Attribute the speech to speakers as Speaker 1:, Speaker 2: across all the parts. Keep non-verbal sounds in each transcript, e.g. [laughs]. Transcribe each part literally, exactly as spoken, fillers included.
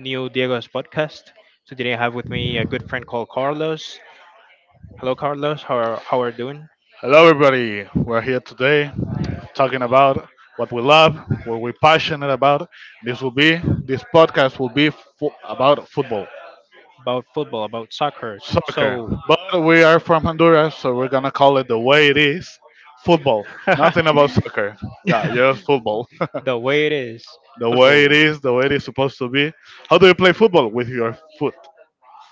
Speaker 1: Neo Diego's podcast. So today, I have with me a good friend called Carlos. Hello, Carlos. How are, how are you doing?
Speaker 2: Hello, everybody. We're here today talking about what we love, what we're passionate about. This will be this podcast will be fo- about football,
Speaker 1: About football, about soccer.
Speaker 2: soccer.
Speaker 1: So,
Speaker 2: But we are from Honduras, so we're gonna call it the way it is, football.
Speaker 1: [laughs]
Speaker 2: Nothing about
Speaker 1: the
Speaker 2: soccer. Yeah, just football.
Speaker 1: way it is,
Speaker 2: [laughs] The way it
Speaker 1: football.
Speaker 2: is, the way it is supposed to be. How do you play football with your foot?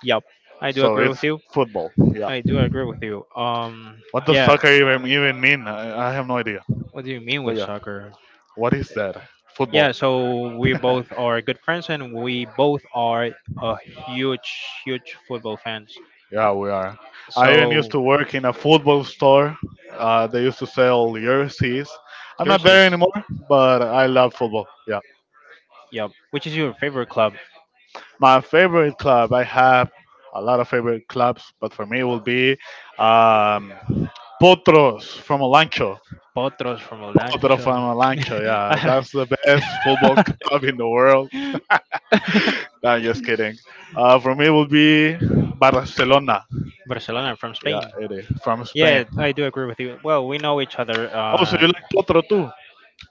Speaker 1: Yup. I do
Speaker 2: So
Speaker 1: agree
Speaker 2: it's
Speaker 1: with you.
Speaker 2: football. Yeah.
Speaker 1: I do agree with you. Um,
Speaker 2: What does
Speaker 1: yeah.
Speaker 2: soccer even even mean? I, I have no idea.
Speaker 1: What do you mean
Speaker 2: But
Speaker 1: with
Speaker 2: yeah,
Speaker 1: soccer?
Speaker 2: what is that?
Speaker 1: Yeah.
Speaker 2: Football.
Speaker 1: So we both are good friends, and we both are a huge, huge football fans.
Speaker 2: Yeah, we are. I even used
Speaker 1: So
Speaker 2: to work in a football store. Uh, they used to sell jerseys. I'm not
Speaker 1: yours is.
Speaker 2: there anymore, but I love football. Yeah.
Speaker 1: Yep. Which is your favorite club?
Speaker 2: My favorite club, I have a lot of favorite clubs, but for me it will be um, Potros from Olancho.
Speaker 1: Potros from El
Speaker 2: Potros
Speaker 1: Ancho.
Speaker 2: from
Speaker 1: [laughs]
Speaker 2: Olancho, yeah.
Speaker 1: I don't-
Speaker 2: That's the best football club in the world. No, I'm just kidding. Uh, for me it will be
Speaker 1: [laughs]
Speaker 2: Barcelona.
Speaker 1: Barcelona from Spain.
Speaker 2: Yeah, it is. From Spain.
Speaker 1: Yeah, I do agree with you. Well, we know each other.
Speaker 2: Also,
Speaker 1: Um,
Speaker 2: you like Potro too?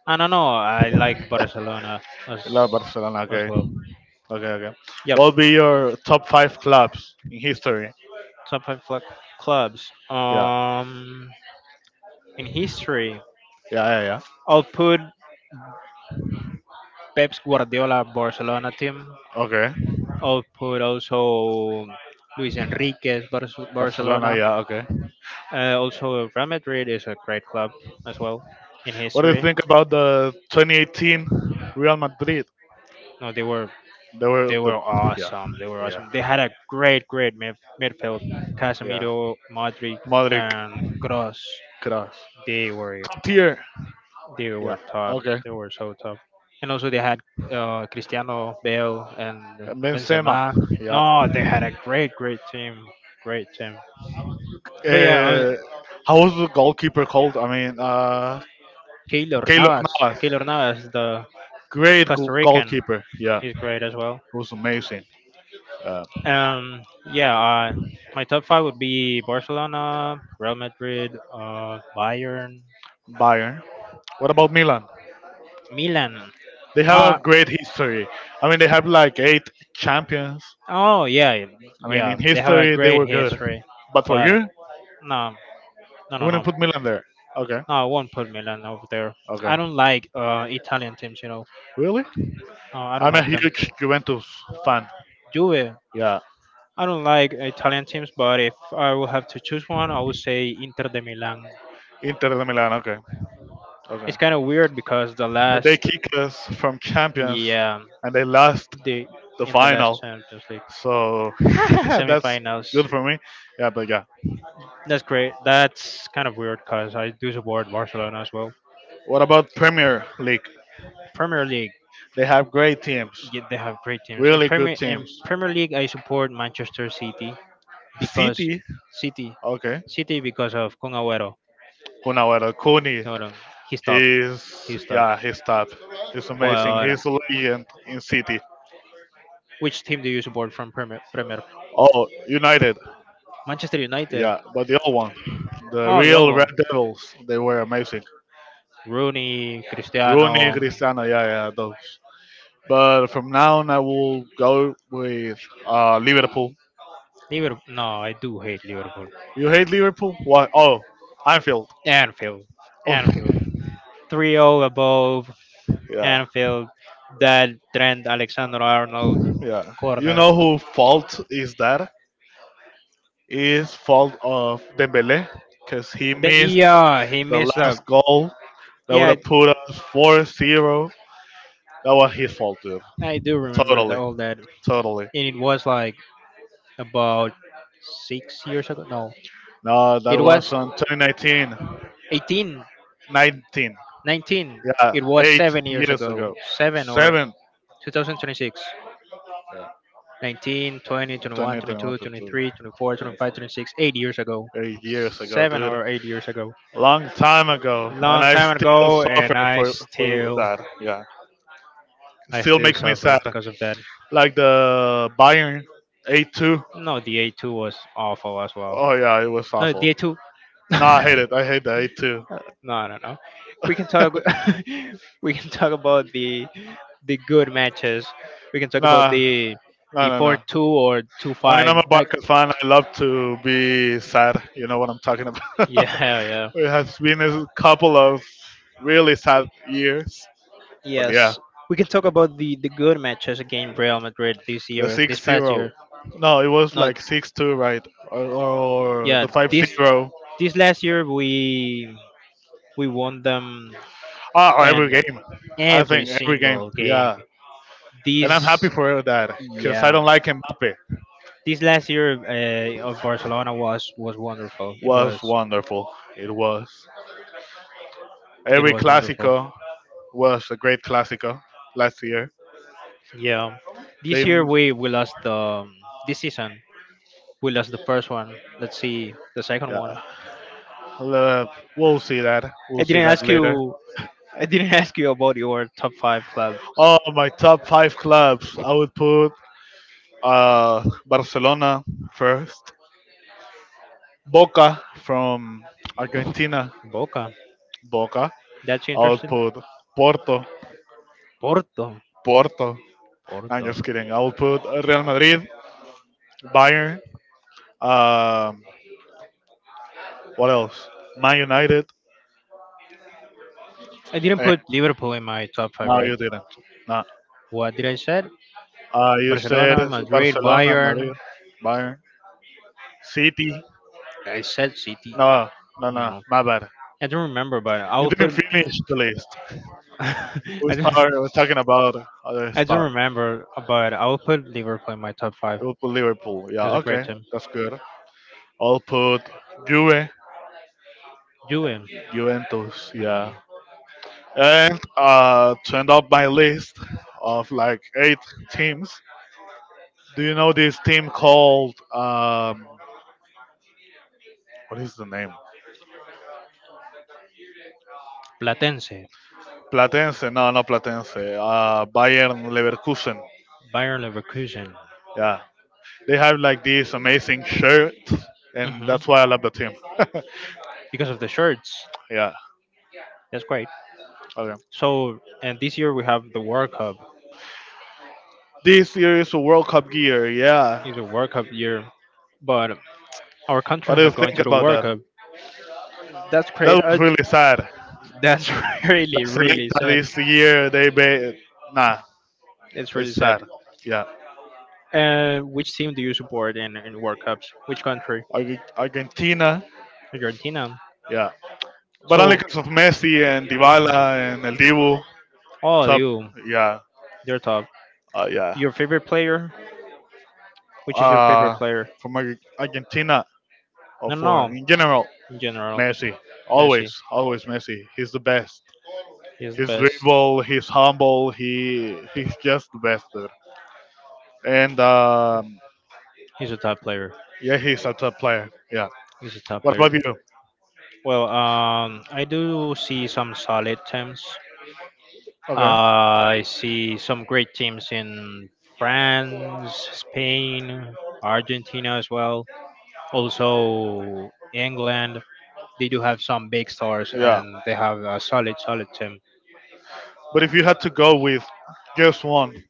Speaker 1: I don't know. I like Barcelona as
Speaker 2: You love Barcelona,
Speaker 1: as
Speaker 2: okay.
Speaker 1: well.
Speaker 2: Okay, okay.
Speaker 1: Yep,
Speaker 2: What will be your top five clubs in history?
Speaker 1: top five cl- clubs.
Speaker 2: Yeah,
Speaker 1: Um, in history,
Speaker 2: yeah, yeah, yeah.
Speaker 1: I'll put Pep's Guardiola Barcelona team.
Speaker 2: Okay,
Speaker 1: Output, also Luis Enrique's Bar-
Speaker 2: Barcelona.
Speaker 1: Barcelona.
Speaker 2: Yeah, okay.
Speaker 1: Uh, also, Real Madrid is a great club as well in
Speaker 2: What do you
Speaker 1: history.
Speaker 2: think about the twenty eighteen Real Madrid?
Speaker 1: No, they were
Speaker 2: They were
Speaker 1: they
Speaker 2: the,
Speaker 1: were
Speaker 2: yeah,
Speaker 1: awesome. They were
Speaker 2: yeah,
Speaker 1: awesome. They had a great, great mid- midfield:
Speaker 2: yeah.
Speaker 1: Casemiro, Modric,
Speaker 2: Modric,
Speaker 1: and Gross.
Speaker 2: Kroos,
Speaker 1: They were
Speaker 2: top tier.
Speaker 1: they
Speaker 2: Yeah,
Speaker 1: were top.
Speaker 2: okay.
Speaker 1: They were so top. And also they had uh, Cristiano, Bale, and
Speaker 2: Benzema.
Speaker 1: Benzema.
Speaker 2: Yeah.
Speaker 1: No, they had a great, great team. Great team. But yeah, uh,
Speaker 2: Uh, how was the goalkeeper called? I mean, uh,
Speaker 1: Keylor
Speaker 2: Keylor
Speaker 1: Navas.
Speaker 2: Navas.
Speaker 1: Keylor Navas, the
Speaker 2: Great go-
Speaker 1: Costa Rican,
Speaker 2: goalkeeper. Yeah,
Speaker 1: he's great as well.
Speaker 2: it was amazing. Uh,
Speaker 1: Um, yeah, uh, my top five would be Barcelona, Real Madrid, uh, Bayern,
Speaker 2: Bayern. What about Milan?
Speaker 1: Milan.
Speaker 2: They have a
Speaker 1: Uh,
Speaker 2: great history. I mean, they have like eight champions.
Speaker 1: oh yeah,
Speaker 2: I mean,
Speaker 1: yeah,
Speaker 2: in
Speaker 1: they have a
Speaker 2: history, they
Speaker 1: great
Speaker 2: were good.
Speaker 1: history,
Speaker 2: But for
Speaker 1: but
Speaker 2: you, you
Speaker 1: no, no, no, no,
Speaker 2: wouldn't
Speaker 1: no,
Speaker 2: put Milan there. Okay.
Speaker 1: I won't put Milan over there.
Speaker 2: Okay.
Speaker 1: I don't like uh Italian teams, you know.
Speaker 2: Really?
Speaker 1: Uh, I don't
Speaker 2: I'm a
Speaker 1: like them.
Speaker 2: huge Juventus fan.
Speaker 1: Juve.
Speaker 2: Yeah.
Speaker 1: I don't like Italian teams, but if I would have to choose one, I would say Inter de Milan.
Speaker 2: Inter de Milan. Okay. Okay.
Speaker 1: It's kind of weird because the
Speaker 2: But they
Speaker 1: last,
Speaker 2: kicked us from champions
Speaker 1: yeah,
Speaker 2: and they lost
Speaker 1: the
Speaker 2: the
Speaker 1: in the last
Speaker 2: final.
Speaker 1: Champions League
Speaker 2: So [laughs]
Speaker 1: in
Speaker 2: that's
Speaker 1: semifinals.
Speaker 2: good for me. Yeah, but yeah.
Speaker 1: That's great. That's kind of weird because I do support Barcelona as well.
Speaker 2: What about Premier League?
Speaker 1: Premier League,
Speaker 2: They have great teams,
Speaker 1: yeah, they have great teams. In
Speaker 2: really good
Speaker 1: Premier in
Speaker 2: teams.
Speaker 1: Premier League, I support Manchester City because
Speaker 2: City.
Speaker 1: City,
Speaker 2: Okay.
Speaker 1: City because of Kun Agüero.
Speaker 2: Punawara Kuni.
Speaker 1: Cabrón, he stopped.
Speaker 2: He's,
Speaker 1: He stopped.
Speaker 2: yeah, he's top. He's amazing.
Speaker 1: Boy,
Speaker 2: He's a legend in City.
Speaker 1: which team do you support from Premier? Premier?
Speaker 2: Oh, United.
Speaker 1: Manchester United.
Speaker 2: Yeah, but the old one, the
Speaker 1: Oh, yo,
Speaker 2: real
Speaker 1: con
Speaker 2: Red Devils, they were amazing.
Speaker 1: Rooney,
Speaker 2: Rooney,
Speaker 1: Cristiano.
Speaker 2: Cristiano, yeah, yeah, those. But from now on, I will go with uh, Liverpool.
Speaker 1: Liverpool. No, I do hate Liverpool.
Speaker 2: You hate Liverpool? Why? Oh, Anfield.
Speaker 1: Anfield.
Speaker 2: Oh,
Speaker 1: Anfield. 3-0 above
Speaker 2: [laughs] yeah,
Speaker 1: Anfield. That Trent Alexander-Arnold
Speaker 2: yeah. You
Speaker 1: corner.
Speaker 2: know who fault is that? Is fault of Dembele because he
Speaker 1: The,
Speaker 2: missed
Speaker 1: yeah, he
Speaker 2: the
Speaker 1: missed a.
Speaker 2: last goal that would
Speaker 1: Yeah,
Speaker 2: have put us four zero. That was his fault, dude.
Speaker 1: I, I do remember the,
Speaker 2: Totally,
Speaker 1: all that. And
Speaker 2: totally.
Speaker 1: it was like about six years ago. No,
Speaker 2: No, that
Speaker 1: it
Speaker 2: was
Speaker 1: was
Speaker 2: on twenty nineteen, nineteen.
Speaker 1: eighteen,
Speaker 2: Nineteen.
Speaker 1: nineteen.
Speaker 2: Yeah,
Speaker 1: It was
Speaker 2: eight
Speaker 1: seven years
Speaker 2: years
Speaker 1: ago.
Speaker 2: ago.
Speaker 1: Seven or
Speaker 2: Seven,
Speaker 1: twenty twenty-six. Nineteen, twenty,
Speaker 2: twenty,
Speaker 1: twenty-one,
Speaker 2: twenty-one,
Speaker 1: twenty-two,
Speaker 2: twenty-two,
Speaker 1: twenty-three, twenty-four, twenty-five,
Speaker 2: twenty-four.
Speaker 1: twenty-six, eight years ago,
Speaker 2: Eight years ago,
Speaker 1: seven
Speaker 2: dude.
Speaker 1: or eight years ago,
Speaker 2: Long time ago, and
Speaker 1: long
Speaker 2: I
Speaker 1: time
Speaker 2: still
Speaker 1: ago,
Speaker 2: suffer
Speaker 1: and I
Speaker 2: for for
Speaker 1: still,
Speaker 2: that. Yeah,
Speaker 1: I
Speaker 2: still
Speaker 1: still
Speaker 2: makes me sad.
Speaker 1: suffer because of that.
Speaker 2: Like the Bayern eight two.
Speaker 1: No, the A2 was awful as well.
Speaker 2: Oh yeah, it was
Speaker 1: No,
Speaker 2: awful.
Speaker 1: the A2.
Speaker 2: Nah, I hate
Speaker 1: [laughs]
Speaker 2: it. I hate that I hate too.
Speaker 1: No, no, no. We can talk. [laughs] We can talk about the the good matches. We can talk about
Speaker 2: Nah,
Speaker 1: the
Speaker 2: no,
Speaker 1: the
Speaker 2: no,
Speaker 1: four
Speaker 2: no.
Speaker 1: two or two
Speaker 2: I mean, I'm
Speaker 1: five.
Speaker 2: a
Speaker 1: [laughs]
Speaker 2: Barca fan. I love to be sad. You know what I'm talking about.
Speaker 1: Yeah,
Speaker 2: [laughs] It has been a couple of really
Speaker 1: yeah.
Speaker 2: sad years. But yeah,
Speaker 1: Yes, we can talk about the the good matches against Real Madrid this
Speaker 2: the
Speaker 1: year,
Speaker 2: six
Speaker 1: this past
Speaker 2: zero.
Speaker 1: year.
Speaker 2: No, it was
Speaker 1: Not
Speaker 2: like six two, right? Or, or
Speaker 1: yeah,
Speaker 2: the five
Speaker 1: this
Speaker 2: zero.
Speaker 1: this last year we we won them
Speaker 2: Ah, or every
Speaker 1: and
Speaker 2: game. I
Speaker 1: every
Speaker 2: think every game.
Speaker 1: single game.
Speaker 2: Yeah, and I'm happy
Speaker 1: This
Speaker 2: for that because I
Speaker 1: yeah,
Speaker 2: don't like Mbappe.
Speaker 1: this last year uh, of Barcelona was was wonderful. It
Speaker 2: Was
Speaker 1: was
Speaker 2: wonderful. It was
Speaker 1: it
Speaker 2: every
Speaker 1: was wonderful.
Speaker 2: Clásico. Was a great Clásico last year.
Speaker 1: Yeah, this
Speaker 2: They,
Speaker 1: year we we lost um, this season. Well, that's the first one. Let's see the second one.
Speaker 2: yeah, uh, we'll see that.
Speaker 1: I
Speaker 2: We'll see
Speaker 1: didn't
Speaker 2: that
Speaker 1: ask
Speaker 2: later.
Speaker 1: you. I didn't [laughs] ask you about your top five clubs.
Speaker 2: Oh, my top five clubs. I would put uh, Barcelona first. Boca from Argentina.
Speaker 1: Boca.
Speaker 2: Boca.
Speaker 1: That's
Speaker 2: I would
Speaker 1: interesting.
Speaker 2: put Porto.
Speaker 1: Porto.
Speaker 2: Porto. No, I'm
Speaker 1: Porto.
Speaker 2: just kidding. I would put Real Madrid, Bayern. Um, what else? Man United.
Speaker 1: I didn't
Speaker 2: And
Speaker 1: put Liverpool in my top five,
Speaker 2: no,
Speaker 1: right?
Speaker 2: you didn't. No.
Speaker 1: What did I said?
Speaker 2: Uh, you said
Speaker 1: Barcelona, Madrid,
Speaker 2: Barcelona, Madrid,
Speaker 1: Bayern.
Speaker 2: Bayern. City.
Speaker 1: I said City.
Speaker 2: No, no,
Speaker 1: I don't
Speaker 2: no.
Speaker 1: know.
Speaker 2: My bad.
Speaker 1: I don't remember, but I
Speaker 2: You
Speaker 1: will
Speaker 2: didn't
Speaker 1: put.
Speaker 2: finish the list.
Speaker 1: [laughs] I
Speaker 2: We
Speaker 1: don't.
Speaker 2: start. We're talking about other
Speaker 1: I
Speaker 2: stuff.
Speaker 1: don't remember, but I will put Liverpool in my top five.
Speaker 2: We'll put Liverpool.
Speaker 1: It
Speaker 2: Yeah.
Speaker 1: was a great
Speaker 2: Okay.
Speaker 1: team.
Speaker 2: That's good. I'll put Juve,
Speaker 1: Juve.
Speaker 2: Juventus. Yeah.
Speaker 1: Mm.
Speaker 2: And uh, to end up my list of like eight teams, do you know this team called um, what is the name?
Speaker 1: Platense,
Speaker 2: Platense? No, not Platense. Uh, Bayern Leverkusen.
Speaker 1: Bayer Leverkusen.
Speaker 2: Yeah. They have like these amazing shirts, and
Speaker 1: Mhm.
Speaker 2: that's why I love the team. [laughs]
Speaker 1: Because of the shirts.
Speaker 2: Yeah.
Speaker 1: That's great.
Speaker 2: Okay.
Speaker 1: So, and this year we have the World Cup.
Speaker 2: This year is a World Cup year. Yeah.
Speaker 1: It's a World Cup year, but our
Speaker 2: What
Speaker 1: country is
Speaker 2: do you
Speaker 1: not going
Speaker 2: think
Speaker 1: to the
Speaker 2: about
Speaker 1: World
Speaker 2: that?
Speaker 1: Cup. That's great.
Speaker 2: That
Speaker 1: Uh,
Speaker 2: was really sad.
Speaker 1: that's [laughs]
Speaker 2: La
Speaker 1: really, really
Speaker 2: Selecta
Speaker 1: sad.
Speaker 2: this year, they ba- nah,
Speaker 1: It's really
Speaker 2: it's
Speaker 1: sad.
Speaker 2: sad. Yeah.
Speaker 1: And which team do you support in, in World Cups? Which country?
Speaker 2: Ar- Argentina.
Speaker 1: Argentina.
Speaker 2: Yeah. But only
Speaker 1: So,
Speaker 2: because of Messi and
Speaker 1: because Messi.
Speaker 2: Dybala and El Dibu.
Speaker 1: Oh,
Speaker 2: Top.
Speaker 1: you.
Speaker 2: Yeah.
Speaker 1: They're top.
Speaker 2: Uh, yeah.
Speaker 1: Your favorite player? Which is your favorite
Speaker 2: Uh,
Speaker 1: player?
Speaker 2: from Ar- Argentina or
Speaker 1: No, no,
Speaker 2: for
Speaker 1: no.
Speaker 2: in general.
Speaker 1: In general,
Speaker 2: Messi,
Speaker 1: Messi.
Speaker 2: always, always Messi. He's the best.
Speaker 1: He's the
Speaker 2: He's
Speaker 1: best.
Speaker 2: dribble. He's humble. He he's just the best dude. And um,
Speaker 1: He's a top player.
Speaker 2: yeah, he's a top player. Yeah.
Speaker 1: He's a top
Speaker 2: What
Speaker 1: player.
Speaker 2: about you?
Speaker 1: Well, um, I do see some solid teams.
Speaker 2: Okay.
Speaker 1: Uh, I see some great teams in France, Spain, Argentina as well. Also England. They do have some big stars
Speaker 2: Yeah.
Speaker 1: and they have a solid, solid team.
Speaker 2: But if you had to go with just one,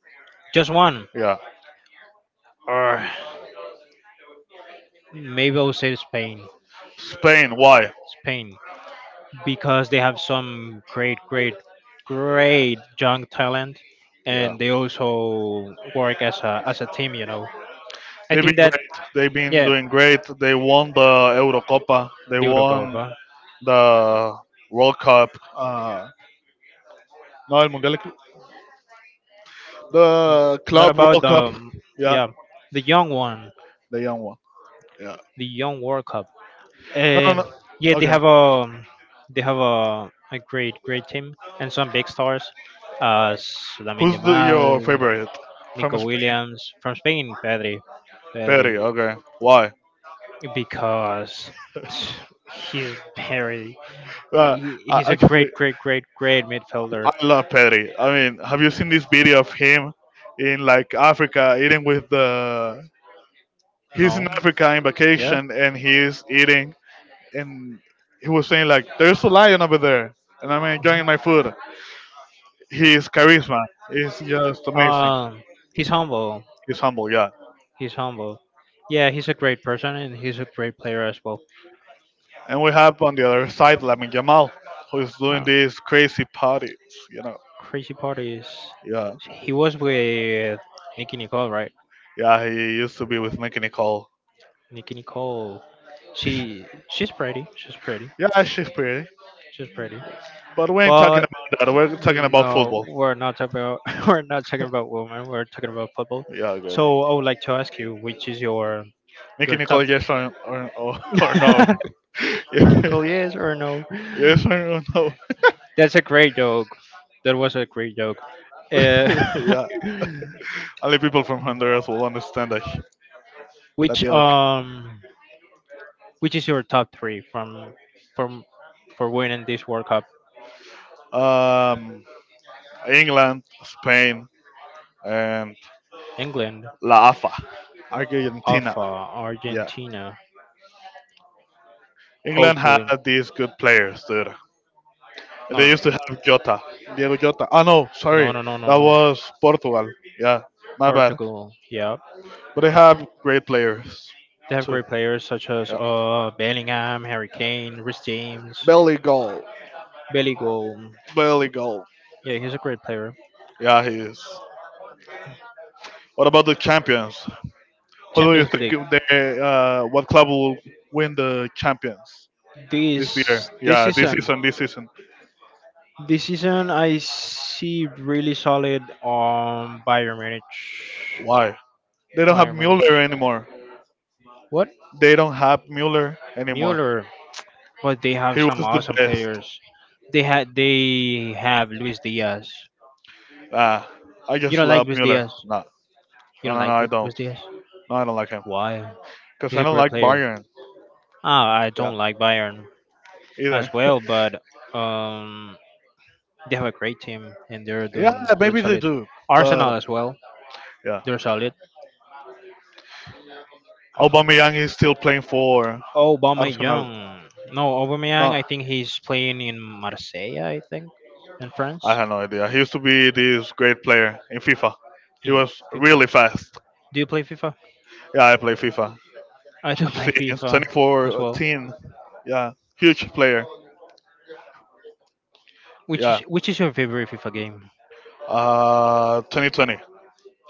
Speaker 1: Just one,
Speaker 2: yeah,
Speaker 1: or maybe I'll say Spain.
Speaker 2: Spain. Why?
Speaker 1: Spain, because they have some great, great, great young talent,
Speaker 2: Yeah.
Speaker 1: and they also work as a as a team. You know, I
Speaker 2: They've
Speaker 1: think
Speaker 2: been
Speaker 1: that
Speaker 2: great. They've been
Speaker 1: yeah,
Speaker 2: doing great. They won the Eurocopa. They
Speaker 1: the
Speaker 2: won
Speaker 1: Eurocopa.
Speaker 2: the World Cup. Uh, no, el Mundial. The
Speaker 1: Not
Speaker 2: Club
Speaker 1: about
Speaker 2: World Cup.
Speaker 1: the,
Speaker 2: Yeah,
Speaker 1: yeah, the young one,
Speaker 2: the young one. Yeah.
Speaker 1: the young World Cup.
Speaker 2: No, no,
Speaker 1: Uh,
Speaker 2: no.
Speaker 1: yeah, they
Speaker 2: Okay.
Speaker 1: have a they have a, a great, great team and some big stars, as Lamine
Speaker 2: Who's the, your
Speaker 1: Yamal,
Speaker 2: favorite from
Speaker 1: Nico
Speaker 2: Spain?
Speaker 1: Williams from Spain, Pedri.
Speaker 2: Pedri.
Speaker 1: Pedri.
Speaker 2: Okay. Why?
Speaker 1: Because he's very
Speaker 2: Uh,
Speaker 1: he,
Speaker 2: I-
Speaker 1: he's a great
Speaker 2: Actually,
Speaker 1: great great great midfielder.
Speaker 2: I love Pedri. I mean, have you seen this video of him in like Africa eating with the? He's
Speaker 1: No.
Speaker 2: in Africa in
Speaker 1: Yeah.
Speaker 2: vacation and he's eating, and he was saying like, "There's a lion over there," and I'm enjoying my food. His charisma is just amazing.
Speaker 1: Um, he's humble.
Speaker 2: He's humble, yeah.
Speaker 1: He's humble. Yeah, he's a great person and he's a great player as well.
Speaker 2: And we have on the other side Lamin Jamal, who is doing
Speaker 1: Uh,
Speaker 2: these crazy parties, you know.
Speaker 1: crazy part is
Speaker 2: Yeah,
Speaker 1: he was with Nikki Nicole, right?
Speaker 2: yeah, he used to be with Nicky Nicole.
Speaker 1: Nikki Nicole. She she's pretty. She's pretty.
Speaker 2: Yeah, she's pretty.
Speaker 1: She's pretty.
Speaker 2: But we ain't talking
Speaker 1: But
Speaker 2: about that. We're talking about
Speaker 1: no,
Speaker 2: football.
Speaker 1: we're not talking about [laughs] we're not talking about women. We're talking about football.
Speaker 2: Yeah, good.
Speaker 1: So I would like to ask you, which is your
Speaker 2: Nicky
Speaker 1: your top?
Speaker 2: Nicole,
Speaker 1: [laughs]
Speaker 2: yes or, or, or, or no? [laughs]
Speaker 1: Nicky
Speaker 2: Yeah.
Speaker 1: Nicole, yes or no?
Speaker 2: Yes or no?
Speaker 1: That's a great joke. That was a great joke. Uh,
Speaker 2: [laughs] Yeah. Only people from Honduras will understand that,
Speaker 1: [laughs]
Speaker 2: that
Speaker 1: which
Speaker 2: joke.
Speaker 1: um, which is your top three from from for winning this World Cup?
Speaker 2: Um, England, Spain, and
Speaker 1: England,
Speaker 2: La A F A. Argentina.
Speaker 1: Alpha,
Speaker 2: Yeah.
Speaker 1: Argentina.
Speaker 2: England had
Speaker 1: Hopefully,
Speaker 2: these good players, dude.
Speaker 1: no, th-
Speaker 2: Jota, Diego Jota. Oh no,
Speaker 1: no,
Speaker 2: sorry,
Speaker 1: no, no, no,
Speaker 2: that
Speaker 1: no.
Speaker 2: was Portugal. Yeah, my bad.
Speaker 1: Portugal. Yeah,
Speaker 2: But they have great players
Speaker 1: they have
Speaker 2: too.
Speaker 1: great players such as
Speaker 2: Yeah,
Speaker 1: uh Bellingham, Harry Kane, Rhys James,
Speaker 2: barely,
Speaker 1: Billy Gold.
Speaker 2: barely goal.
Speaker 1: Yeah, he's a great player.
Speaker 2: Yeah, he is. What about the champions? Who do you
Speaker 1: Champions League.
Speaker 2: think of the uh, what club will win the champions this
Speaker 1: This
Speaker 2: year?
Speaker 1: this
Speaker 2: Yeah, this
Speaker 1: season
Speaker 2: season, this season.
Speaker 1: this season I see really solid um Bayern Munich.
Speaker 2: Why? They don't have
Speaker 1: Bayern Munich.
Speaker 2: Mueller anymore.
Speaker 1: What?
Speaker 2: They don't have Mueller anymore.
Speaker 1: Mueller. But they have
Speaker 2: He
Speaker 1: some
Speaker 2: was the
Speaker 1: awesome
Speaker 2: best.
Speaker 1: players. They had they have Luis Diaz.
Speaker 2: Ah, I
Speaker 1: You
Speaker 2: just
Speaker 1: don't like
Speaker 2: love
Speaker 1: Luis
Speaker 2: Mueller.
Speaker 1: Diaz?
Speaker 2: No,
Speaker 1: You
Speaker 2: no,
Speaker 1: don't
Speaker 2: no, no
Speaker 1: like
Speaker 2: I
Speaker 1: Lu- Luis
Speaker 2: don't.
Speaker 1: Diaz?
Speaker 2: No, I don't like him.
Speaker 1: Why?
Speaker 2: Because
Speaker 1: He's
Speaker 2: I
Speaker 1: a
Speaker 2: don't
Speaker 1: great
Speaker 2: like
Speaker 1: player.
Speaker 2: Bayern.
Speaker 1: Ah, I
Speaker 2: Yeah,
Speaker 1: don't like Bayern
Speaker 2: either.
Speaker 1: as
Speaker 2: [laughs]
Speaker 1: well, but um, they have a great team and they're
Speaker 2: Yeah,
Speaker 1: doing really
Speaker 2: maybe they
Speaker 1: solid.
Speaker 2: do, but
Speaker 1: Arsenal as well,
Speaker 2: yeah,
Speaker 1: they're solid.
Speaker 2: Aubameyang is still playing for Arsenal.
Speaker 1: Aubameyang, no Aubameyang.
Speaker 2: No,
Speaker 1: I think he's playing in Marseille. I think in France
Speaker 2: I have no idea. He used to be this great player in FIFA. He
Speaker 1: in
Speaker 2: was
Speaker 1: FIFA.
Speaker 2: really fast.
Speaker 1: Do you play FIFA?
Speaker 2: Yeah, I play FIFA
Speaker 1: I do [laughs] play
Speaker 2: since
Speaker 1: FIFA as well.
Speaker 2: twenty fourteen. Yeah, huge player.
Speaker 1: Which is
Speaker 2: Yeah,
Speaker 1: which is your favorite FIFA game?
Speaker 2: uh, twenty twenty.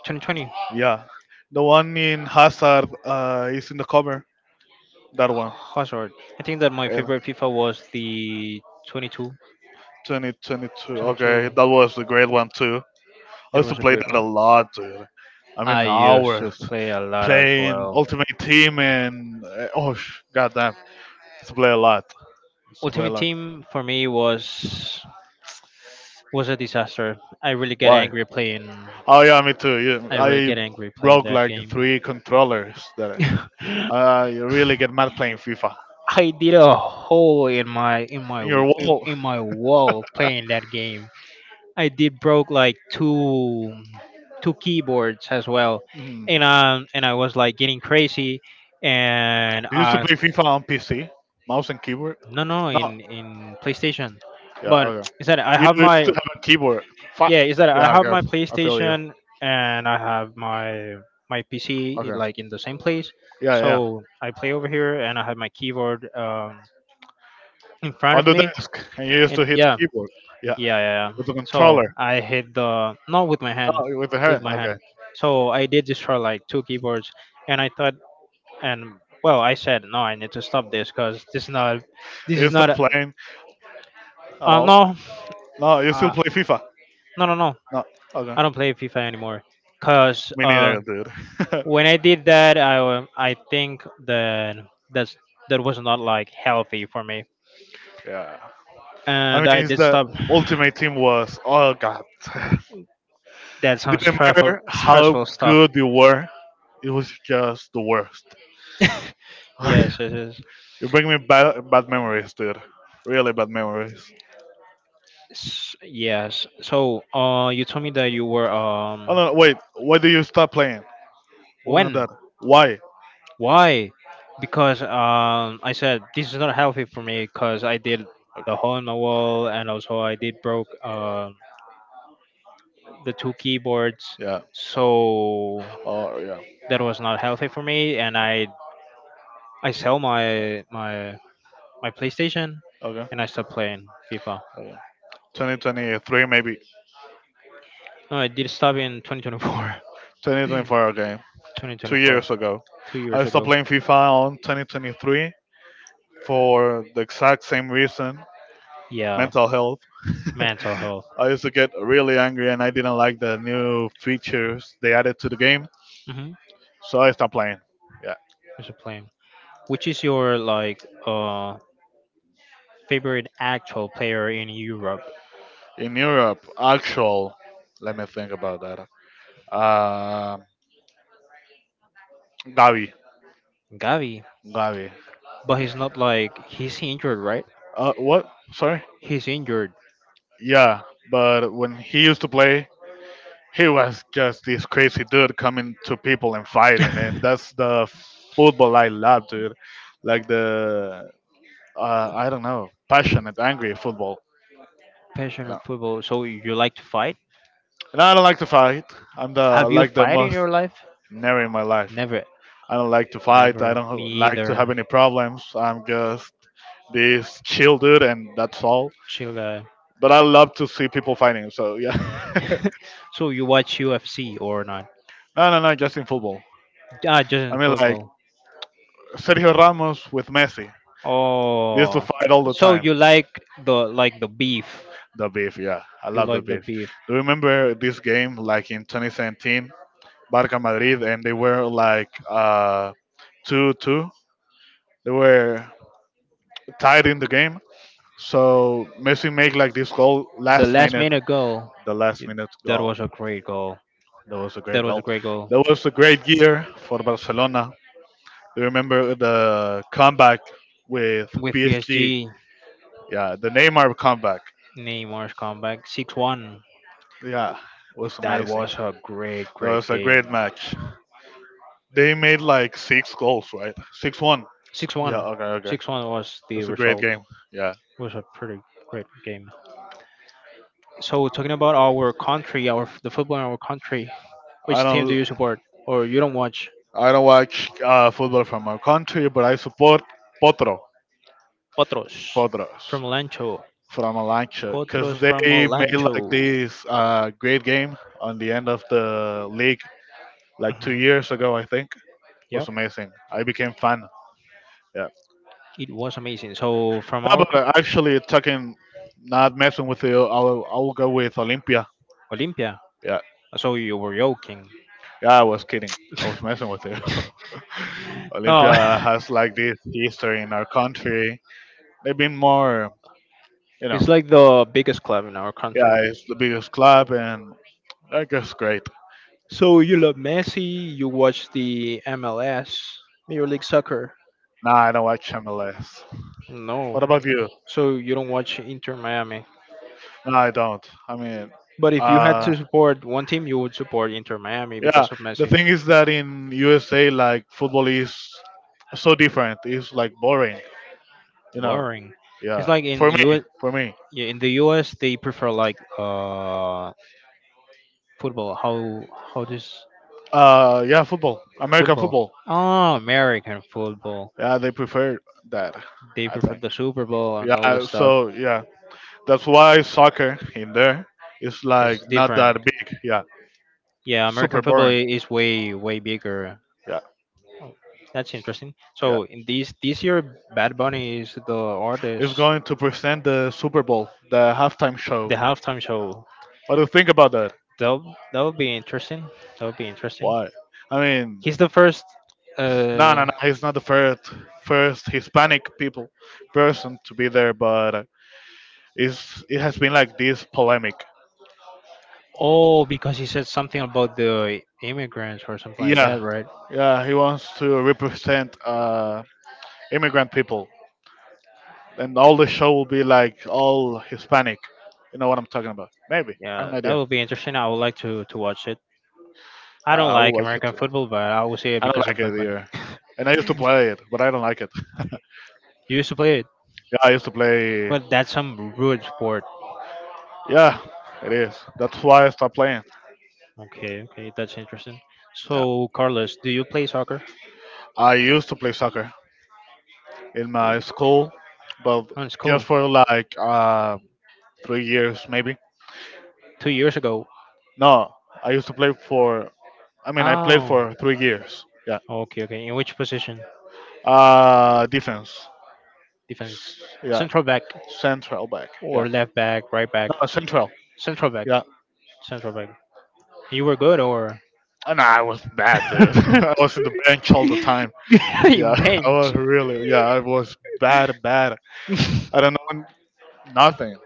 Speaker 1: twenty twenty
Speaker 2: Yeah, the one in Hazard uh, is in the cover. That one.
Speaker 1: Hazard. I think that my
Speaker 2: Yeah.
Speaker 1: favorite FIFA was the twenty-two,
Speaker 2: twenty twenty-two. Okay,
Speaker 1: twenty-two.
Speaker 2: that was a great one too. I
Speaker 1: That
Speaker 2: used to
Speaker 1: was a
Speaker 2: play
Speaker 1: great
Speaker 2: that a
Speaker 1: one.
Speaker 2: lot, dude. I mean,
Speaker 1: I used to
Speaker 2: hours
Speaker 1: play a lot as
Speaker 2: playing
Speaker 1: well.
Speaker 2: Ultimate Team and uh, oh, sh- goddamn, used to play a lot. Used to play a
Speaker 1: Ultimate
Speaker 2: lot.
Speaker 1: Team for me was was a disaster. I really get
Speaker 2: Why?
Speaker 1: angry playing.
Speaker 2: Oh yeah, me too.
Speaker 1: I
Speaker 2: Yeah,
Speaker 1: really get
Speaker 2: I
Speaker 1: angry playing
Speaker 2: broke
Speaker 1: that
Speaker 2: like
Speaker 1: game.
Speaker 2: three controllers. That I I
Speaker 1: [laughs]
Speaker 2: really get mad playing FIFA.
Speaker 1: I did a hole in my in my
Speaker 2: In your
Speaker 1: in,
Speaker 2: wall.
Speaker 1: in my wall playing that game. I did broke like two two keyboards as well,
Speaker 2: Hmm.
Speaker 1: and um and I was like getting crazy, and
Speaker 2: Do you used to
Speaker 1: I
Speaker 2: play FIFA on P C, mouse and keyboard?
Speaker 1: No, no,
Speaker 2: No.
Speaker 1: in in PlayStation.
Speaker 2: Yeah.
Speaker 1: But
Speaker 2: Okay.
Speaker 1: is that I
Speaker 2: You
Speaker 1: have
Speaker 2: used to
Speaker 1: my
Speaker 2: have a keyboard. Fuck.
Speaker 1: yeah, is that I
Speaker 2: Yeah.
Speaker 1: have my
Speaker 2: Okay. I feel you.
Speaker 1: PlayStation and I have my my P C
Speaker 2: Okay.
Speaker 1: like in the same place.
Speaker 2: Yeah. Yeah.
Speaker 1: So I play over here and I have my keyboard um in front
Speaker 2: On
Speaker 1: of
Speaker 2: the
Speaker 1: me
Speaker 2: desk, and you used to
Speaker 1: and
Speaker 2: hit
Speaker 1: yeah.
Speaker 2: the keyboard. Yeah,
Speaker 1: Yeah, yeah, yeah.
Speaker 2: with the
Speaker 1: So
Speaker 2: controller.
Speaker 1: I hit the, not with my hand,
Speaker 2: No, with the
Speaker 1: with
Speaker 2: hand.
Speaker 1: my hand.
Speaker 2: Okay.
Speaker 1: So I did destroy like two keyboards and I thought and well, I said no, I need to stop this cuz this is not this
Speaker 2: You
Speaker 1: is
Speaker 2: stop
Speaker 1: not a,
Speaker 2: playing at
Speaker 1: uh,
Speaker 2: all?
Speaker 1: no.
Speaker 2: No, you still
Speaker 1: Uh,
Speaker 2: play FIFA.
Speaker 1: No, no, no.
Speaker 2: No. Okay.
Speaker 1: I don't play FIFA anymore. Cause
Speaker 2: Me
Speaker 1: uh,
Speaker 2: neither, dude. [laughs]
Speaker 1: when I did that, I wa- I think that that's that was not like healthy for me,
Speaker 2: Yeah. I mean,
Speaker 1: and I
Speaker 2: it's
Speaker 1: did
Speaker 2: that
Speaker 1: stop
Speaker 2: Ultimate Team was. Oh God. [laughs] It
Speaker 1: that some
Speaker 2: didn't
Speaker 1: stressful
Speaker 2: matter how
Speaker 1: stressful stuff.
Speaker 2: good you were. It was just the worst. [sighs]
Speaker 1: Yes, yes, yes.
Speaker 2: [laughs] You bring me bad, bad memories, dude. Really bad memories.
Speaker 1: S- Yes. So, uh, you told me that you were um
Speaker 2: Oh no, wait. Why do you stop playing? What on that?
Speaker 1: when
Speaker 2: Why?
Speaker 1: why? Because um I said this is not healthy for me because I did the
Speaker 2: Okay.
Speaker 1: hole in the wall and also I did broke um the two keyboards
Speaker 2: Yeah.
Speaker 1: so
Speaker 2: Oh yeah.
Speaker 1: that was not healthy for me and i i sell my my my PlayStation
Speaker 2: Okay.
Speaker 1: and I stopped playing FIFA.
Speaker 2: twenty twenty-three, maybe
Speaker 1: No, I did stop in twenty twenty-four,
Speaker 2: twenty twenty-four. Okay, two
Speaker 1: twenty twenty-four.
Speaker 2: years ago,
Speaker 1: [laughs] two
Speaker 2: I
Speaker 1: years
Speaker 2: stopped
Speaker 1: ago.
Speaker 2: playing FIFA on twenty twenty-three for the exact same reason:
Speaker 1: Yeah,
Speaker 2: mental health. [laughs]
Speaker 1: mental health.
Speaker 2: I used to get really angry, and I didn't like the new features they added to the game,
Speaker 1: Mm-hmm.
Speaker 2: so I stopped playing. Yeah,
Speaker 1: There's a plane. Which is your like uh favorite actual player in Europe?
Speaker 2: in Europe, actual. Let me think about that. Um, Gavi,
Speaker 1: Gavi,
Speaker 2: Gavi.
Speaker 1: but he's not like he's injured, right?
Speaker 2: Uh, what? Sorry.
Speaker 1: He's injured.
Speaker 2: Yeah, but when he used to play, he was just this crazy dude coming to people and fighting, and that's the football I love, dude. Like the uh, I don't know, passionate, angry football. You
Speaker 1: Passionate
Speaker 2: know,
Speaker 1: football. So you like to fight?
Speaker 2: and I don't like to fight. I'm the
Speaker 1: Have you
Speaker 2: like the
Speaker 1: fight in
Speaker 2: most
Speaker 1: your life?
Speaker 2: never in my life.
Speaker 1: Never,
Speaker 2: I don't like to fight. I
Speaker 1: never. Me
Speaker 2: don't like to have
Speaker 1: either.
Speaker 2: any problems. I'm just this chill dude, and that's all.
Speaker 1: Chill guy.
Speaker 2: But I love to see people fighting. So yeah, [laughs]
Speaker 1: [laughs] So you watch U F C or not?
Speaker 2: no, no, no, just in football.
Speaker 1: Ah, just
Speaker 2: I
Speaker 1: in
Speaker 2: mean, like
Speaker 1: football.
Speaker 2: Sergio Ramos with Messi. They used to
Speaker 1: Oh,
Speaker 2: fight all the
Speaker 1: so
Speaker 2: time.
Speaker 1: you like the like the beef?
Speaker 2: The beef, yeah. I
Speaker 1: You
Speaker 2: love the
Speaker 1: like the
Speaker 2: beef.
Speaker 1: beef?
Speaker 2: Do you remember this game like in twenty seventeen, Barca Madrid, and they were like uh, two two. They were tied in the game. So Messi make like this goal
Speaker 1: The
Speaker 2: last
Speaker 1: last
Speaker 2: minute,
Speaker 1: minute goal.
Speaker 2: the last
Speaker 1: it-
Speaker 2: minute
Speaker 1: That was
Speaker 2: goal.
Speaker 1: a great goal.
Speaker 2: That was a
Speaker 1: That
Speaker 2: great
Speaker 1: was a
Speaker 2: goal.
Speaker 1: great goal
Speaker 2: That was a great year for Barcelona. Do you remember the comeback with
Speaker 1: with
Speaker 2: P S G?
Speaker 1: P S G.
Speaker 2: Yeah, the Neymar comeback.
Speaker 1: Neymar's comeback, six one.
Speaker 2: Yeah, it was
Speaker 1: That
Speaker 2: amazing.
Speaker 1: was a great,
Speaker 2: That
Speaker 1: great
Speaker 2: was a
Speaker 1: game.
Speaker 2: great match. They made like six goals, right? Six one. Yeah.
Speaker 1: six one.
Speaker 2: Okay. Okay.
Speaker 1: six one was the
Speaker 2: It's a great
Speaker 1: result.
Speaker 2: game. Yeah.
Speaker 1: It was a pretty great game. So talking about our country, our the football in our country,
Speaker 2: I
Speaker 1: which team do
Speaker 2: don't.
Speaker 1: you support or you don't watch?
Speaker 2: I don't watch uh, football from my country, but I support Potro.
Speaker 1: Potros
Speaker 2: Potros
Speaker 1: from Lancho.
Speaker 2: from Alancha because
Speaker 1: Potros from
Speaker 2: they made
Speaker 1: Lancho.
Speaker 2: like this uh, great game on the end of the league like two
Speaker 1: Hmm.
Speaker 2: years ago. I think was
Speaker 1: Yep,
Speaker 2: amazing. I became fan. Yeah.
Speaker 1: it was amazing. So from
Speaker 2: No,
Speaker 1: our
Speaker 2: but
Speaker 1: co-
Speaker 2: uh, actually talking, not messing with you. I'll I'll go with Olympia.
Speaker 1: Olympia.
Speaker 2: Yeah.
Speaker 1: So you were joking.
Speaker 2: Yeah. I was kidding. I was
Speaker 1: [laughs]
Speaker 2: messing with you. [laughs]
Speaker 1: No,
Speaker 2: Olympia has like this history in our country. They've been more, you
Speaker 1: [laughs]
Speaker 2: know,
Speaker 1: it's like the biggest club in our country.
Speaker 2: yeah, it's the biggest club and I guess great.
Speaker 1: So you love Messi, you watch the M L S, Major League Soccer.
Speaker 2: Nah, I don't watch M L S.
Speaker 1: No.
Speaker 2: What about you?
Speaker 1: So you don't watch Inter Miami.
Speaker 2: No, I don't. I mean,
Speaker 1: But if you had
Speaker 2: uh,
Speaker 1: to support one team, you would support Inter Miami
Speaker 2: yeah,
Speaker 1: because of
Speaker 2: the
Speaker 1: Messi.
Speaker 2: thing is that in U S A, like football is so different. It's like boring, you know.
Speaker 1: Boring.
Speaker 2: Yeah,
Speaker 1: It's like in
Speaker 2: for
Speaker 1: U
Speaker 2: me,
Speaker 1: S,
Speaker 2: for me.
Speaker 1: yeah, in the U S they prefer like uh football. How how this
Speaker 2: Uh, yeah, football, American
Speaker 1: football?
Speaker 2: football.
Speaker 1: Oh, American football.
Speaker 2: Yeah, they prefer that.
Speaker 1: They
Speaker 2: I
Speaker 1: prefer
Speaker 2: think.
Speaker 1: the Super Bowl and all the
Speaker 2: Yeah,
Speaker 1: stuff.
Speaker 2: so yeah. That's why soccer in there is like
Speaker 1: It's
Speaker 2: not
Speaker 1: different.
Speaker 2: that big. Yeah,
Speaker 1: Yeah,
Speaker 2: super
Speaker 1: American football i-
Speaker 2: boring.
Speaker 1: is way way bigger.
Speaker 2: Yeah,
Speaker 1: Oh, that's interesting.
Speaker 2: yeah.
Speaker 1: So in this this year, Bad Bunny is the artist,
Speaker 2: It's going to present the Super Bowl, the halftime show.
Speaker 1: the halftime show.
Speaker 2: What do you think about that?
Speaker 1: That that would be interesting. That would be interesting.
Speaker 2: Why? I mean,
Speaker 1: He's the first.
Speaker 2: no, no,
Speaker 1: Uh,
Speaker 2: no. He's not the first first Hispanic people person to be there, but it's it has been like this polemic.
Speaker 1: oh, because he said something about the immigrants or something like
Speaker 2: Yeah,
Speaker 1: that, right?
Speaker 2: yeah. He wants to represent uh, immigrant people, and all the show will be like all Hispanic. You know what I'm talking about? Maybe I have
Speaker 1: Yeah,
Speaker 2: an
Speaker 1: that
Speaker 2: idea.
Speaker 1: would be interesting. I would like to to watch it.
Speaker 2: Uh,
Speaker 1: I don't
Speaker 2: I would
Speaker 1: like
Speaker 2: like it
Speaker 1: American
Speaker 2: too.
Speaker 1: football, but I will see it
Speaker 2: I don't
Speaker 1: because
Speaker 2: like
Speaker 1: of
Speaker 2: it
Speaker 1: Bad Bunny.
Speaker 2: either. And I used to play it, but I don't like it. [laughs]
Speaker 1: You used to play it,
Speaker 2: Yeah, I used to play.
Speaker 1: but that's some rude sport.
Speaker 2: Yeah, it is. That's why I stopped playing.
Speaker 1: Okay, okay, that's interesting.
Speaker 2: Yeah,
Speaker 1: So, Carlos, do you play soccer
Speaker 2: I used to play soccer in my school, but
Speaker 1: on
Speaker 2: just
Speaker 1: school?
Speaker 2: for like uh, three years maybe.
Speaker 1: Two years ago.
Speaker 2: No, I used to play for. I mean, I played
Speaker 1: Oh,
Speaker 2: for three years. Yeah.
Speaker 1: okay, okay. In which position?
Speaker 2: Uh, defense.
Speaker 1: Defense.
Speaker 2: Yeah.
Speaker 1: Central back
Speaker 2: Central back. Yeah.
Speaker 1: or left back, right back?
Speaker 2: No, central.
Speaker 1: Central back.
Speaker 2: Yeah.
Speaker 1: Central back. You were good or?
Speaker 2: And I was bad, dude. [laughs] I was in the
Speaker 1: [laughs]
Speaker 2: bench all the time. Yeah, [laughs] I
Speaker 1: Bench.
Speaker 2: was really, yeah, I was bad, bad.
Speaker 1: [laughs]
Speaker 2: I don't know nothing.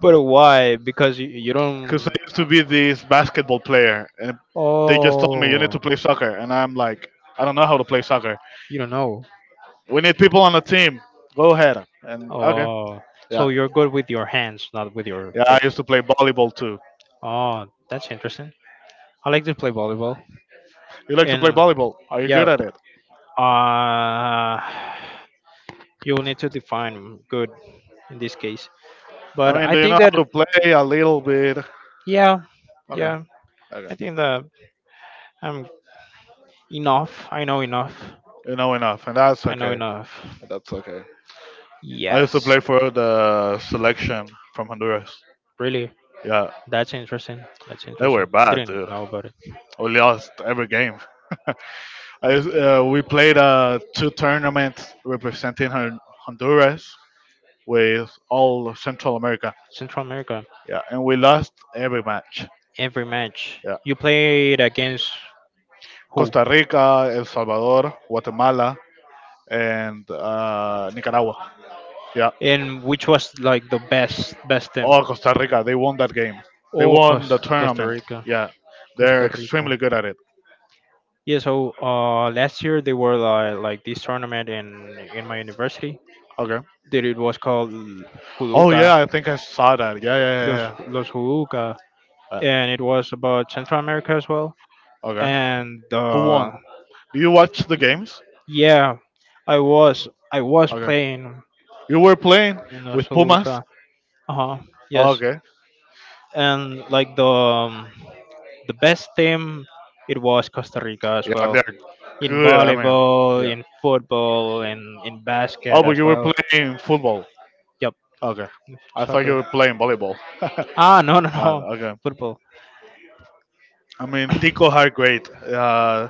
Speaker 1: But why? Because you, you
Speaker 2: Because
Speaker 1: don't.
Speaker 2: I used to be this basketball player, and they just told me, you need to
Speaker 1: Oh,
Speaker 2: play soccer. And I'm like, I don't know how to play soccer.
Speaker 1: you don't know.
Speaker 2: We need people on the team. Go ahead. And okay.
Speaker 1: Oh,
Speaker 2: Yeah.
Speaker 1: so you're good with your hands, not with your
Speaker 2: Yeah, I
Speaker 1: feet.
Speaker 2: used to play volleyball too.
Speaker 1: Oh, that's interesting. I like to play volleyball,
Speaker 2: You like to play
Speaker 1: and
Speaker 2: volleyball? Are you
Speaker 1: yeah,
Speaker 2: good at it?
Speaker 1: uh, you will need to define good in this case.
Speaker 2: I
Speaker 1: But
Speaker 2: mean,
Speaker 1: I
Speaker 2: do you know
Speaker 1: think
Speaker 2: how
Speaker 1: that
Speaker 2: to play a little bit?
Speaker 1: yeah,
Speaker 2: Okay.
Speaker 1: yeah, I
Speaker 2: Okay.
Speaker 1: think that I'm enough. I know enough.
Speaker 2: You know enough, and that's
Speaker 1: I know
Speaker 2: okay.
Speaker 1: enough.
Speaker 2: That's okay. I used to
Speaker 1: Yes,
Speaker 2: play for the selection from Honduras.
Speaker 1: really.
Speaker 2: Yeah.
Speaker 1: That's interesting. That's
Speaker 2: They were
Speaker 1: interesting.
Speaker 2: bad,
Speaker 1: Didn't
Speaker 2: dude.
Speaker 1: know about it.
Speaker 2: We lost every game. [laughs] I, uh, we played uh, two tournaments representing Hon- Honduras with all of Central America.
Speaker 1: Central America.
Speaker 2: Yeah, and we lost every match.
Speaker 1: Every match
Speaker 2: Yeah,
Speaker 1: you played against who?
Speaker 2: Costa Rica, El Salvador, Guatemala, and uh, Nicaragua. Yeah,
Speaker 1: And which was like the best best team.
Speaker 2: all Costa Rica. They won that game. They
Speaker 1: Oh,
Speaker 2: won the
Speaker 1: Cos- Costa
Speaker 2: tournament.
Speaker 1: Rica,
Speaker 2: Yeah, they're
Speaker 1: Costa Rica.
Speaker 2: extremely good at it.
Speaker 1: Yeah, so uh, last year they were like, like this tournament in in my university
Speaker 2: Okay.
Speaker 1: that it was called
Speaker 2: Oh
Speaker 1: Huluka,
Speaker 2: yeah, I think I saw that. Yeah,
Speaker 1: Los
Speaker 2: yeah, yeah.
Speaker 1: Los Huluka,
Speaker 2: Yeah.
Speaker 1: and it was about Central America as well.
Speaker 2: Uh, okay.
Speaker 1: And
Speaker 2: Who
Speaker 1: uh,
Speaker 2: won? Do you watch the games?
Speaker 1: yeah, I was I was
Speaker 2: Okay.
Speaker 1: playing
Speaker 2: You were playing
Speaker 1: in Los
Speaker 2: with Pumas?
Speaker 1: Huluka. Uh huh. Yes,
Speaker 2: Okay.
Speaker 1: and like the um, the best team it was Costa Rica as
Speaker 2: Yeah,
Speaker 1: well
Speaker 2: they're
Speaker 1: in
Speaker 2: good. I mean,
Speaker 1: volleyball,
Speaker 2: yeah.
Speaker 1: in football, and in
Speaker 2: Oh,
Speaker 1: basket
Speaker 2: but
Speaker 1: as
Speaker 2: you were
Speaker 1: well.
Speaker 2: playing football.
Speaker 1: Yep,
Speaker 2: Okay. I thought you
Speaker 1: soccer.
Speaker 2: were playing volleyball.
Speaker 1: Ah, no, no,
Speaker 2: Got
Speaker 1: no.
Speaker 2: Okay.
Speaker 1: Football.
Speaker 2: I mean, Tico are great. Uh,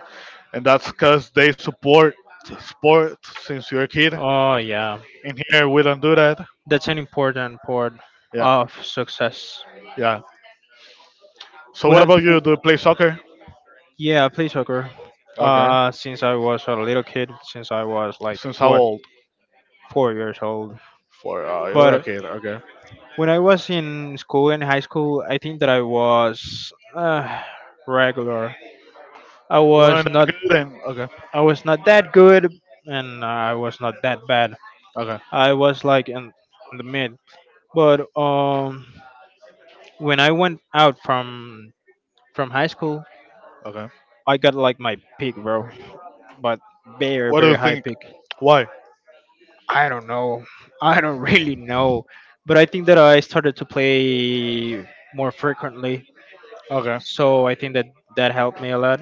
Speaker 2: And that's because they support sport since you're a kid.
Speaker 1: Oh, yeah.
Speaker 2: In here, we don't do that.
Speaker 1: That's an important part
Speaker 2: Yeah.
Speaker 1: of success.
Speaker 2: Yeah. So,
Speaker 1: We
Speaker 2: what
Speaker 1: have,
Speaker 2: about you? Do you play soccer?
Speaker 1: yeah, I play soccer.
Speaker 2: Okay.
Speaker 1: Uh, since I was a little kid, since I was like
Speaker 2: Since how
Speaker 1: what
Speaker 2: old?
Speaker 1: four years old.
Speaker 2: For uh, You were a
Speaker 1: But
Speaker 2: kid. Okay.
Speaker 1: when I was in school in high school, I think that I was uh, regular. I
Speaker 2: Well,
Speaker 1: was
Speaker 2: not
Speaker 1: not,
Speaker 2: good then. Okay.
Speaker 1: I was not that good, and I was not that bad.
Speaker 2: Okay.
Speaker 1: I was like in the mid. But um, when I went out from from high school,
Speaker 2: Okay.
Speaker 1: I got like my peak, bro. But very
Speaker 2: What do
Speaker 1: very
Speaker 2: you
Speaker 1: high
Speaker 2: think?
Speaker 1: peak.
Speaker 2: Why?
Speaker 1: I don't know. I don't [laughs] really know. But I think that I started to play more frequently.
Speaker 2: Okay.
Speaker 1: So I think that that helped me a lot.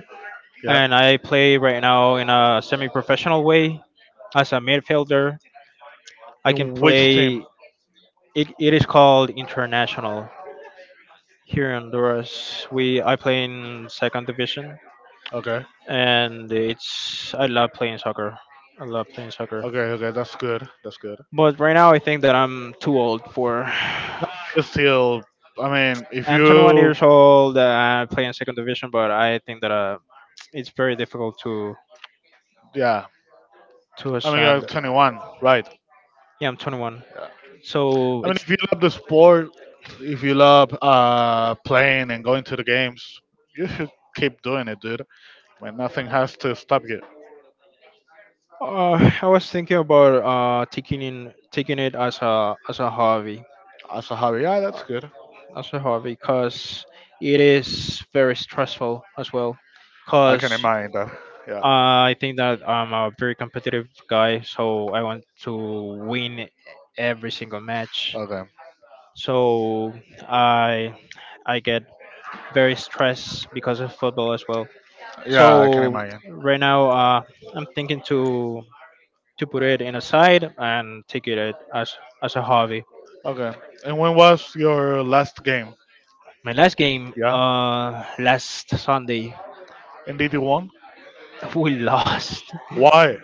Speaker 2: Yeah.
Speaker 1: And I play right now in a semi-professional way as a midfielder. I can
Speaker 2: In which team?
Speaker 1: play. It, it is called international. Here in Honduras, we I play in second division,
Speaker 2: Okay.
Speaker 1: and it's I love playing soccer. I love playing soccer.
Speaker 2: Okay. Okay. That's good. That's good.
Speaker 1: But right now, I think that I'm too old for. [sighs]
Speaker 2: It's still. I mean, if
Speaker 1: I'm twenty-one
Speaker 2: you.
Speaker 1: years old. uh, I play in second division, but I think that uh, it's very difficult to
Speaker 2: Yeah.
Speaker 1: to
Speaker 2: I mean, you're
Speaker 1: ascend.
Speaker 2: twenty-one, right?
Speaker 1: Yeah, I'm twenty-one, so
Speaker 2: I mean,
Speaker 1: it's
Speaker 2: if you love the sport, if you love uh, playing and going to the games, you should keep doing it, dude. I mean, nothing has to stop you.
Speaker 1: Uh, I was thinking about uh taking in taking it as a as a hobby.
Speaker 2: As a hobby, yeah, that's good.
Speaker 1: As a hobby because it is very stressful as well.
Speaker 2: I can
Speaker 1: Because
Speaker 2: imagine that. Yeah.
Speaker 1: I think that I'm a very competitive guy, so I want to win every single match.
Speaker 2: Okay.
Speaker 1: So I I get very stressed because of football as well.
Speaker 2: Yeah, I can
Speaker 1: So
Speaker 2: imagine.
Speaker 1: right now uh, I'm thinking to to put it in aside and take it as as a hobby.
Speaker 2: Okay. And when was your last game?
Speaker 1: My last game
Speaker 2: Yeah.
Speaker 1: uh last Sunday,
Speaker 2: In D D one?
Speaker 1: [laughs] we lost
Speaker 2: Why?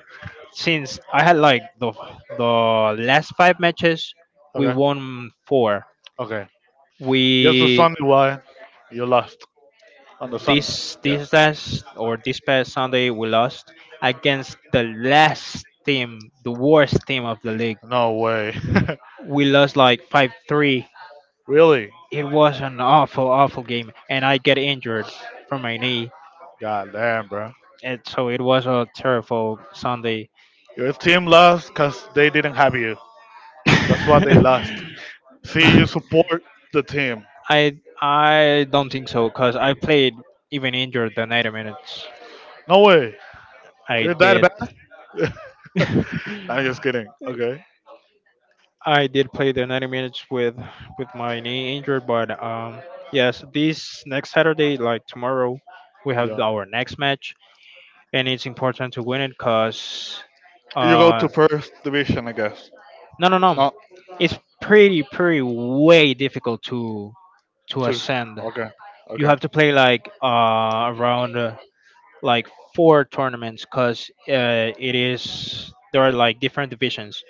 Speaker 1: since I had like the the last five matches, we
Speaker 2: Okay.
Speaker 1: won four.
Speaker 2: Okay. Yes, the
Speaker 1: We
Speaker 2: sun, why? You left. On the sun.
Speaker 1: This
Speaker 2: Yeah.
Speaker 1: this last or this past Sunday we lost against the last team, the worst team of the league.
Speaker 2: No way.
Speaker 1: We lost like five three.
Speaker 2: [laughs] Really?
Speaker 1: It was an awful awful game, and I get injured from my knee,
Speaker 2: God damn, bro.
Speaker 1: and so it was a terrible Sunday.
Speaker 2: Your team lost because they didn't have you. That's why they lost. See, you
Speaker 1: [laughs]
Speaker 2: support the team.
Speaker 1: I I don't think so because I played even injured the ninety minutes.
Speaker 2: No way.
Speaker 1: I
Speaker 2: You're that
Speaker 1: did.
Speaker 2: bad? [laughs]
Speaker 1: [laughs]
Speaker 2: I'm just kidding. Okay.
Speaker 1: I did play the ninety minutes with with my knee injured, but um yes, this next Saturday, like tomorrow, we have
Speaker 2: Yeah.
Speaker 1: our next match, and it's important to win it because
Speaker 2: You go to
Speaker 1: uh
Speaker 2: first division, I guess.
Speaker 1: no no no,
Speaker 2: Not
Speaker 1: it's pretty pretty way difficult to to
Speaker 2: to.
Speaker 1: ascend.
Speaker 2: Okay.
Speaker 1: You
Speaker 2: Okay.
Speaker 1: have to play like uh around like four tournaments because uh, it is there are like different divisions.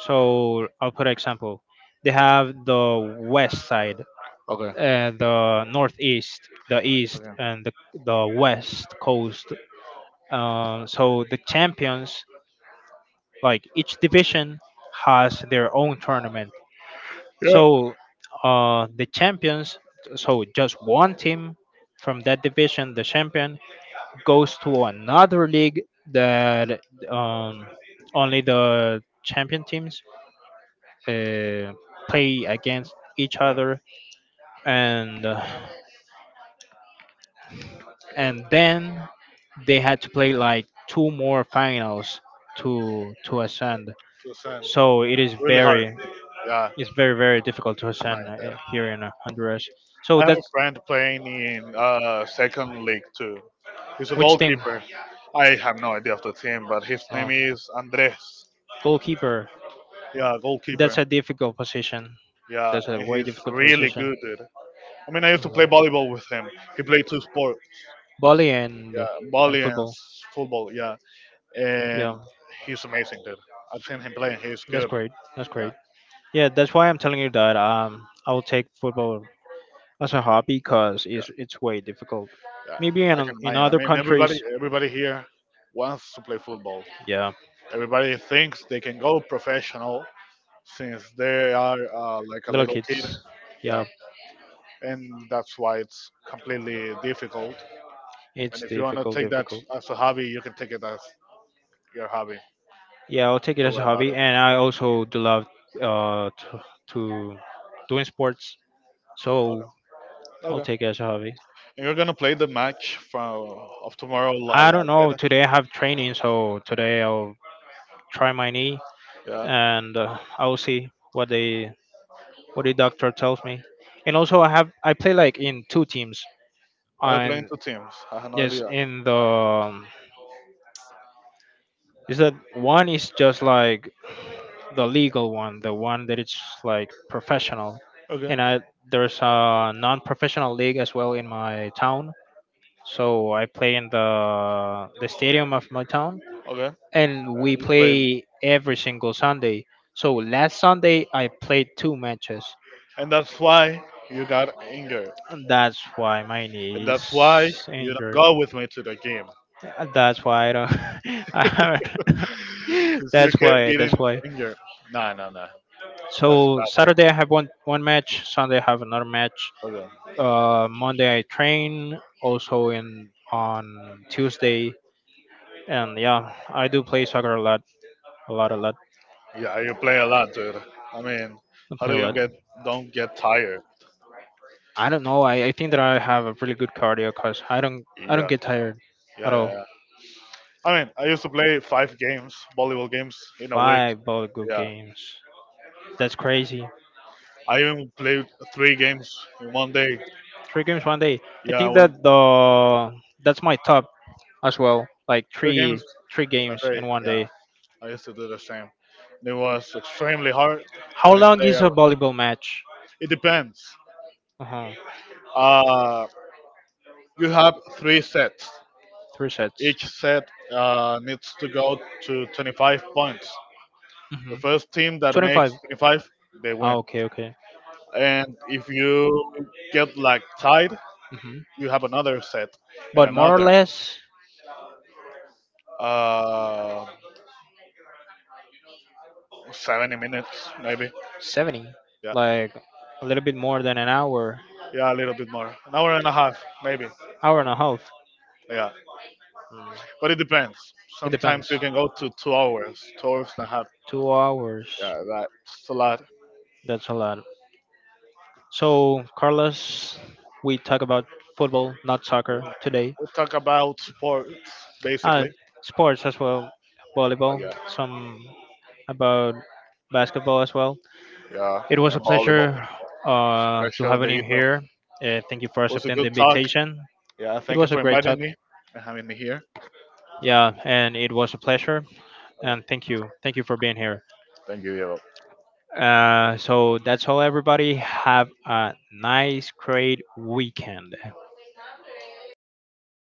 Speaker 1: So I'll put an example. They have the west side,
Speaker 2: Okay.
Speaker 1: uh, the northeast, the east,
Speaker 2: Okay.
Speaker 1: and the the west coast. Uh, so the champions, like each division, has their own tournament.
Speaker 2: Yeah.
Speaker 1: So uh, the champions, so just one team from that division, the champion goes to another league that um, only the champion teams uh, play against each other, and uh, and then they had to play like two more finals to to ascend.
Speaker 2: To send.
Speaker 1: So it is
Speaker 2: Really hard.
Speaker 1: very
Speaker 2: Yeah.
Speaker 1: it's very very difficult to ascend
Speaker 2: mind
Speaker 1: uh, here in uh, Honduras. So
Speaker 2: I have a
Speaker 1: that's
Speaker 2: friend playing in uh second league too. He's a
Speaker 1: Which team?
Speaker 2: goalkeeper. I have no idea of the team, but his
Speaker 1: Uh,
Speaker 2: name is Andres.
Speaker 1: Goalkeeper.
Speaker 2: Yeah,
Speaker 1: That's
Speaker 2: goalkeeper.
Speaker 1: a difficult position.
Speaker 2: Yeah,
Speaker 1: That's a
Speaker 2: and
Speaker 1: way
Speaker 2: he's
Speaker 1: difficult
Speaker 2: really
Speaker 1: position.
Speaker 2: good, dude. I mean, I used to
Speaker 1: Mhm.
Speaker 2: play volleyball with him. He played two sports.
Speaker 1: Volley and
Speaker 2: Yeah,
Speaker 1: and
Speaker 2: volley and
Speaker 1: football.
Speaker 2: s- football. Yeah,
Speaker 1: Yeah,
Speaker 2: and he's amazing, dude. I've seen him play, and he's
Speaker 1: that's
Speaker 2: good.
Speaker 1: great. That's
Speaker 2: Yeah,
Speaker 1: great. Yeah, that's why I'm telling you that um I will take football as a hobby because
Speaker 2: yeah,
Speaker 1: it's it's way difficult.
Speaker 2: yeah.
Speaker 1: Maybe in
Speaker 2: I
Speaker 1: o-
Speaker 2: can
Speaker 1: in
Speaker 2: imagine. I
Speaker 1: other
Speaker 2: mean, everybody,
Speaker 1: countries,
Speaker 2: everybody here wants to play football.
Speaker 1: yeah,
Speaker 2: Everybody thinks they can go professional since they are uh, like a
Speaker 1: little
Speaker 2: little kid.
Speaker 1: kids,
Speaker 2: Yeah,
Speaker 1: yeah,
Speaker 2: and that's why it's completely difficult. And
Speaker 1: it's
Speaker 2: if you want to
Speaker 1: difficult,
Speaker 2: take that
Speaker 1: difficult.
Speaker 2: as a hobby, you can take it as your hobby. Not
Speaker 1: Yeah, I'll take it
Speaker 2: to
Speaker 1: as
Speaker 2: worry
Speaker 1: a
Speaker 2: about
Speaker 1: hobby,
Speaker 2: it.
Speaker 1: and I also do love uh to, to doing sports, so
Speaker 2: Okay.
Speaker 1: I'll
Speaker 2: Okay.
Speaker 1: take it as a hobby.
Speaker 2: And you're gonna play the match from of tomorrow li-
Speaker 1: I don't
Speaker 2: like
Speaker 1: know.
Speaker 2: that.
Speaker 1: Today I have training, so today I'll try my knee,
Speaker 2: Yeah.
Speaker 1: and uh, I will see what the what the doctor tells me. And also, I have I play like in two teams.
Speaker 2: Are you playing
Speaker 1: And
Speaker 2: two teams? I have no
Speaker 1: yes,
Speaker 2: idea.
Speaker 1: in the um, is that one is just like the legal one, the one that it's like professional,
Speaker 2: Okay.
Speaker 1: and I there's a non-professional league as well in my town. So I play in the the stadium of my town,
Speaker 2: Okay.
Speaker 1: and
Speaker 2: And
Speaker 1: we
Speaker 2: you play,
Speaker 1: play every single Sunday. So last Sunday I played two matches,
Speaker 2: and that's why you got injured.
Speaker 1: and that's why my
Speaker 2: And
Speaker 1: knee
Speaker 2: that's
Speaker 1: is
Speaker 2: why you don't
Speaker 1: injured.
Speaker 2: go with me to the game.
Speaker 1: Uh, That's why I don't. [laughs] I haven't- [laughs]
Speaker 2: Cause
Speaker 1: that's
Speaker 2: you kept
Speaker 1: why. That's
Speaker 2: getting
Speaker 1: why.
Speaker 2: injured. No, no, no. That's
Speaker 1: So
Speaker 2: not it.
Speaker 1: Saturday I have one one match. Sunday I have another match.
Speaker 2: Okay.
Speaker 1: Uh, Monday I train. Also in on Tuesday. And yeah, I do play soccer a lot, a lot, a lot.
Speaker 2: Yeah, you play a lot, dude. I mean,
Speaker 1: I
Speaker 2: how
Speaker 1: play
Speaker 2: do
Speaker 1: a
Speaker 2: you
Speaker 1: lot.
Speaker 2: get don't get tired?
Speaker 1: I don't know. I, I think that I have a really good cardio because I don't
Speaker 2: Yeah,
Speaker 1: I don't
Speaker 2: yeah,
Speaker 1: get tired at
Speaker 2: yeah.
Speaker 1: all.
Speaker 2: Yeah. I mean, I used to play five games, volleyball games in a week.
Speaker 1: Five ball good
Speaker 2: Yeah,
Speaker 1: games. That's crazy.
Speaker 2: I even played three games in one day.
Speaker 1: Three games one day. I
Speaker 2: Yeah,
Speaker 1: think
Speaker 2: when
Speaker 1: that the that's my top as well. Like
Speaker 2: three
Speaker 1: three
Speaker 2: games
Speaker 1: three
Speaker 2: in a
Speaker 1: games
Speaker 2: day.
Speaker 1: in one
Speaker 2: Yeah,
Speaker 1: day.
Speaker 2: I used to do the same. It was extremely hard. The
Speaker 1: How
Speaker 2: next
Speaker 1: long
Speaker 2: day,
Speaker 1: is
Speaker 2: I
Speaker 1: a
Speaker 2: was,
Speaker 1: volleyball match?
Speaker 2: it depends.
Speaker 1: Uh-huh.
Speaker 2: Uh, you have three sets.
Speaker 1: Three sets.
Speaker 2: Each set uh, needs to go to twenty-five points.
Speaker 1: Hmm.
Speaker 2: The first team that makes
Speaker 1: twenty-five.
Speaker 2: twenty-five, they
Speaker 1: Ah,
Speaker 2: win.
Speaker 1: okay, okay.
Speaker 2: And if you get like tied,
Speaker 1: Hmm.
Speaker 2: you have another set and
Speaker 1: But more or
Speaker 2: another.
Speaker 1: less
Speaker 2: Uh, seventy minutes, maybe.
Speaker 1: seventy.
Speaker 2: Yeah,
Speaker 1: Like a little bit more than an hour,
Speaker 2: yeah, a little bit more. An hour and a half, maybe.
Speaker 1: hour and a half.
Speaker 2: Yeah,
Speaker 1: Mm,
Speaker 2: but it depends.
Speaker 1: it
Speaker 2: Sometimes
Speaker 1: depends.
Speaker 2: you can go to two hours, two hours and a half.
Speaker 1: Two hours.
Speaker 2: Yeah, that's a lot.
Speaker 1: That's a lot. So, Carlos, we talk about football, not
Speaker 2: We
Speaker 1: soccer today.
Speaker 2: we talk about sports,
Speaker 1: Uh,
Speaker 2: basically.
Speaker 1: Sports as well, volleyball, some about basketball as well.
Speaker 2: Yeah,
Speaker 1: It was
Speaker 2: and
Speaker 1: a pleasure
Speaker 2: my
Speaker 1: uh, to
Speaker 2: pleasure,
Speaker 1: having you
Speaker 2: Deito.
Speaker 1: here. Uh, thank you for
Speaker 2: It was a
Speaker 1: accepting the
Speaker 2: good talk.
Speaker 1: invitation.
Speaker 2: Yeah,
Speaker 1: It
Speaker 2: thank you
Speaker 1: was a
Speaker 2: for
Speaker 1: great
Speaker 2: inviting
Speaker 1: talk.
Speaker 2: me and having me here.
Speaker 1: Yeah, and it was a pleasure. And thank you. Thank you for being here.
Speaker 2: Thank you, Diego.
Speaker 1: Uh, so that's all, everybody. Have a nice, great weekend.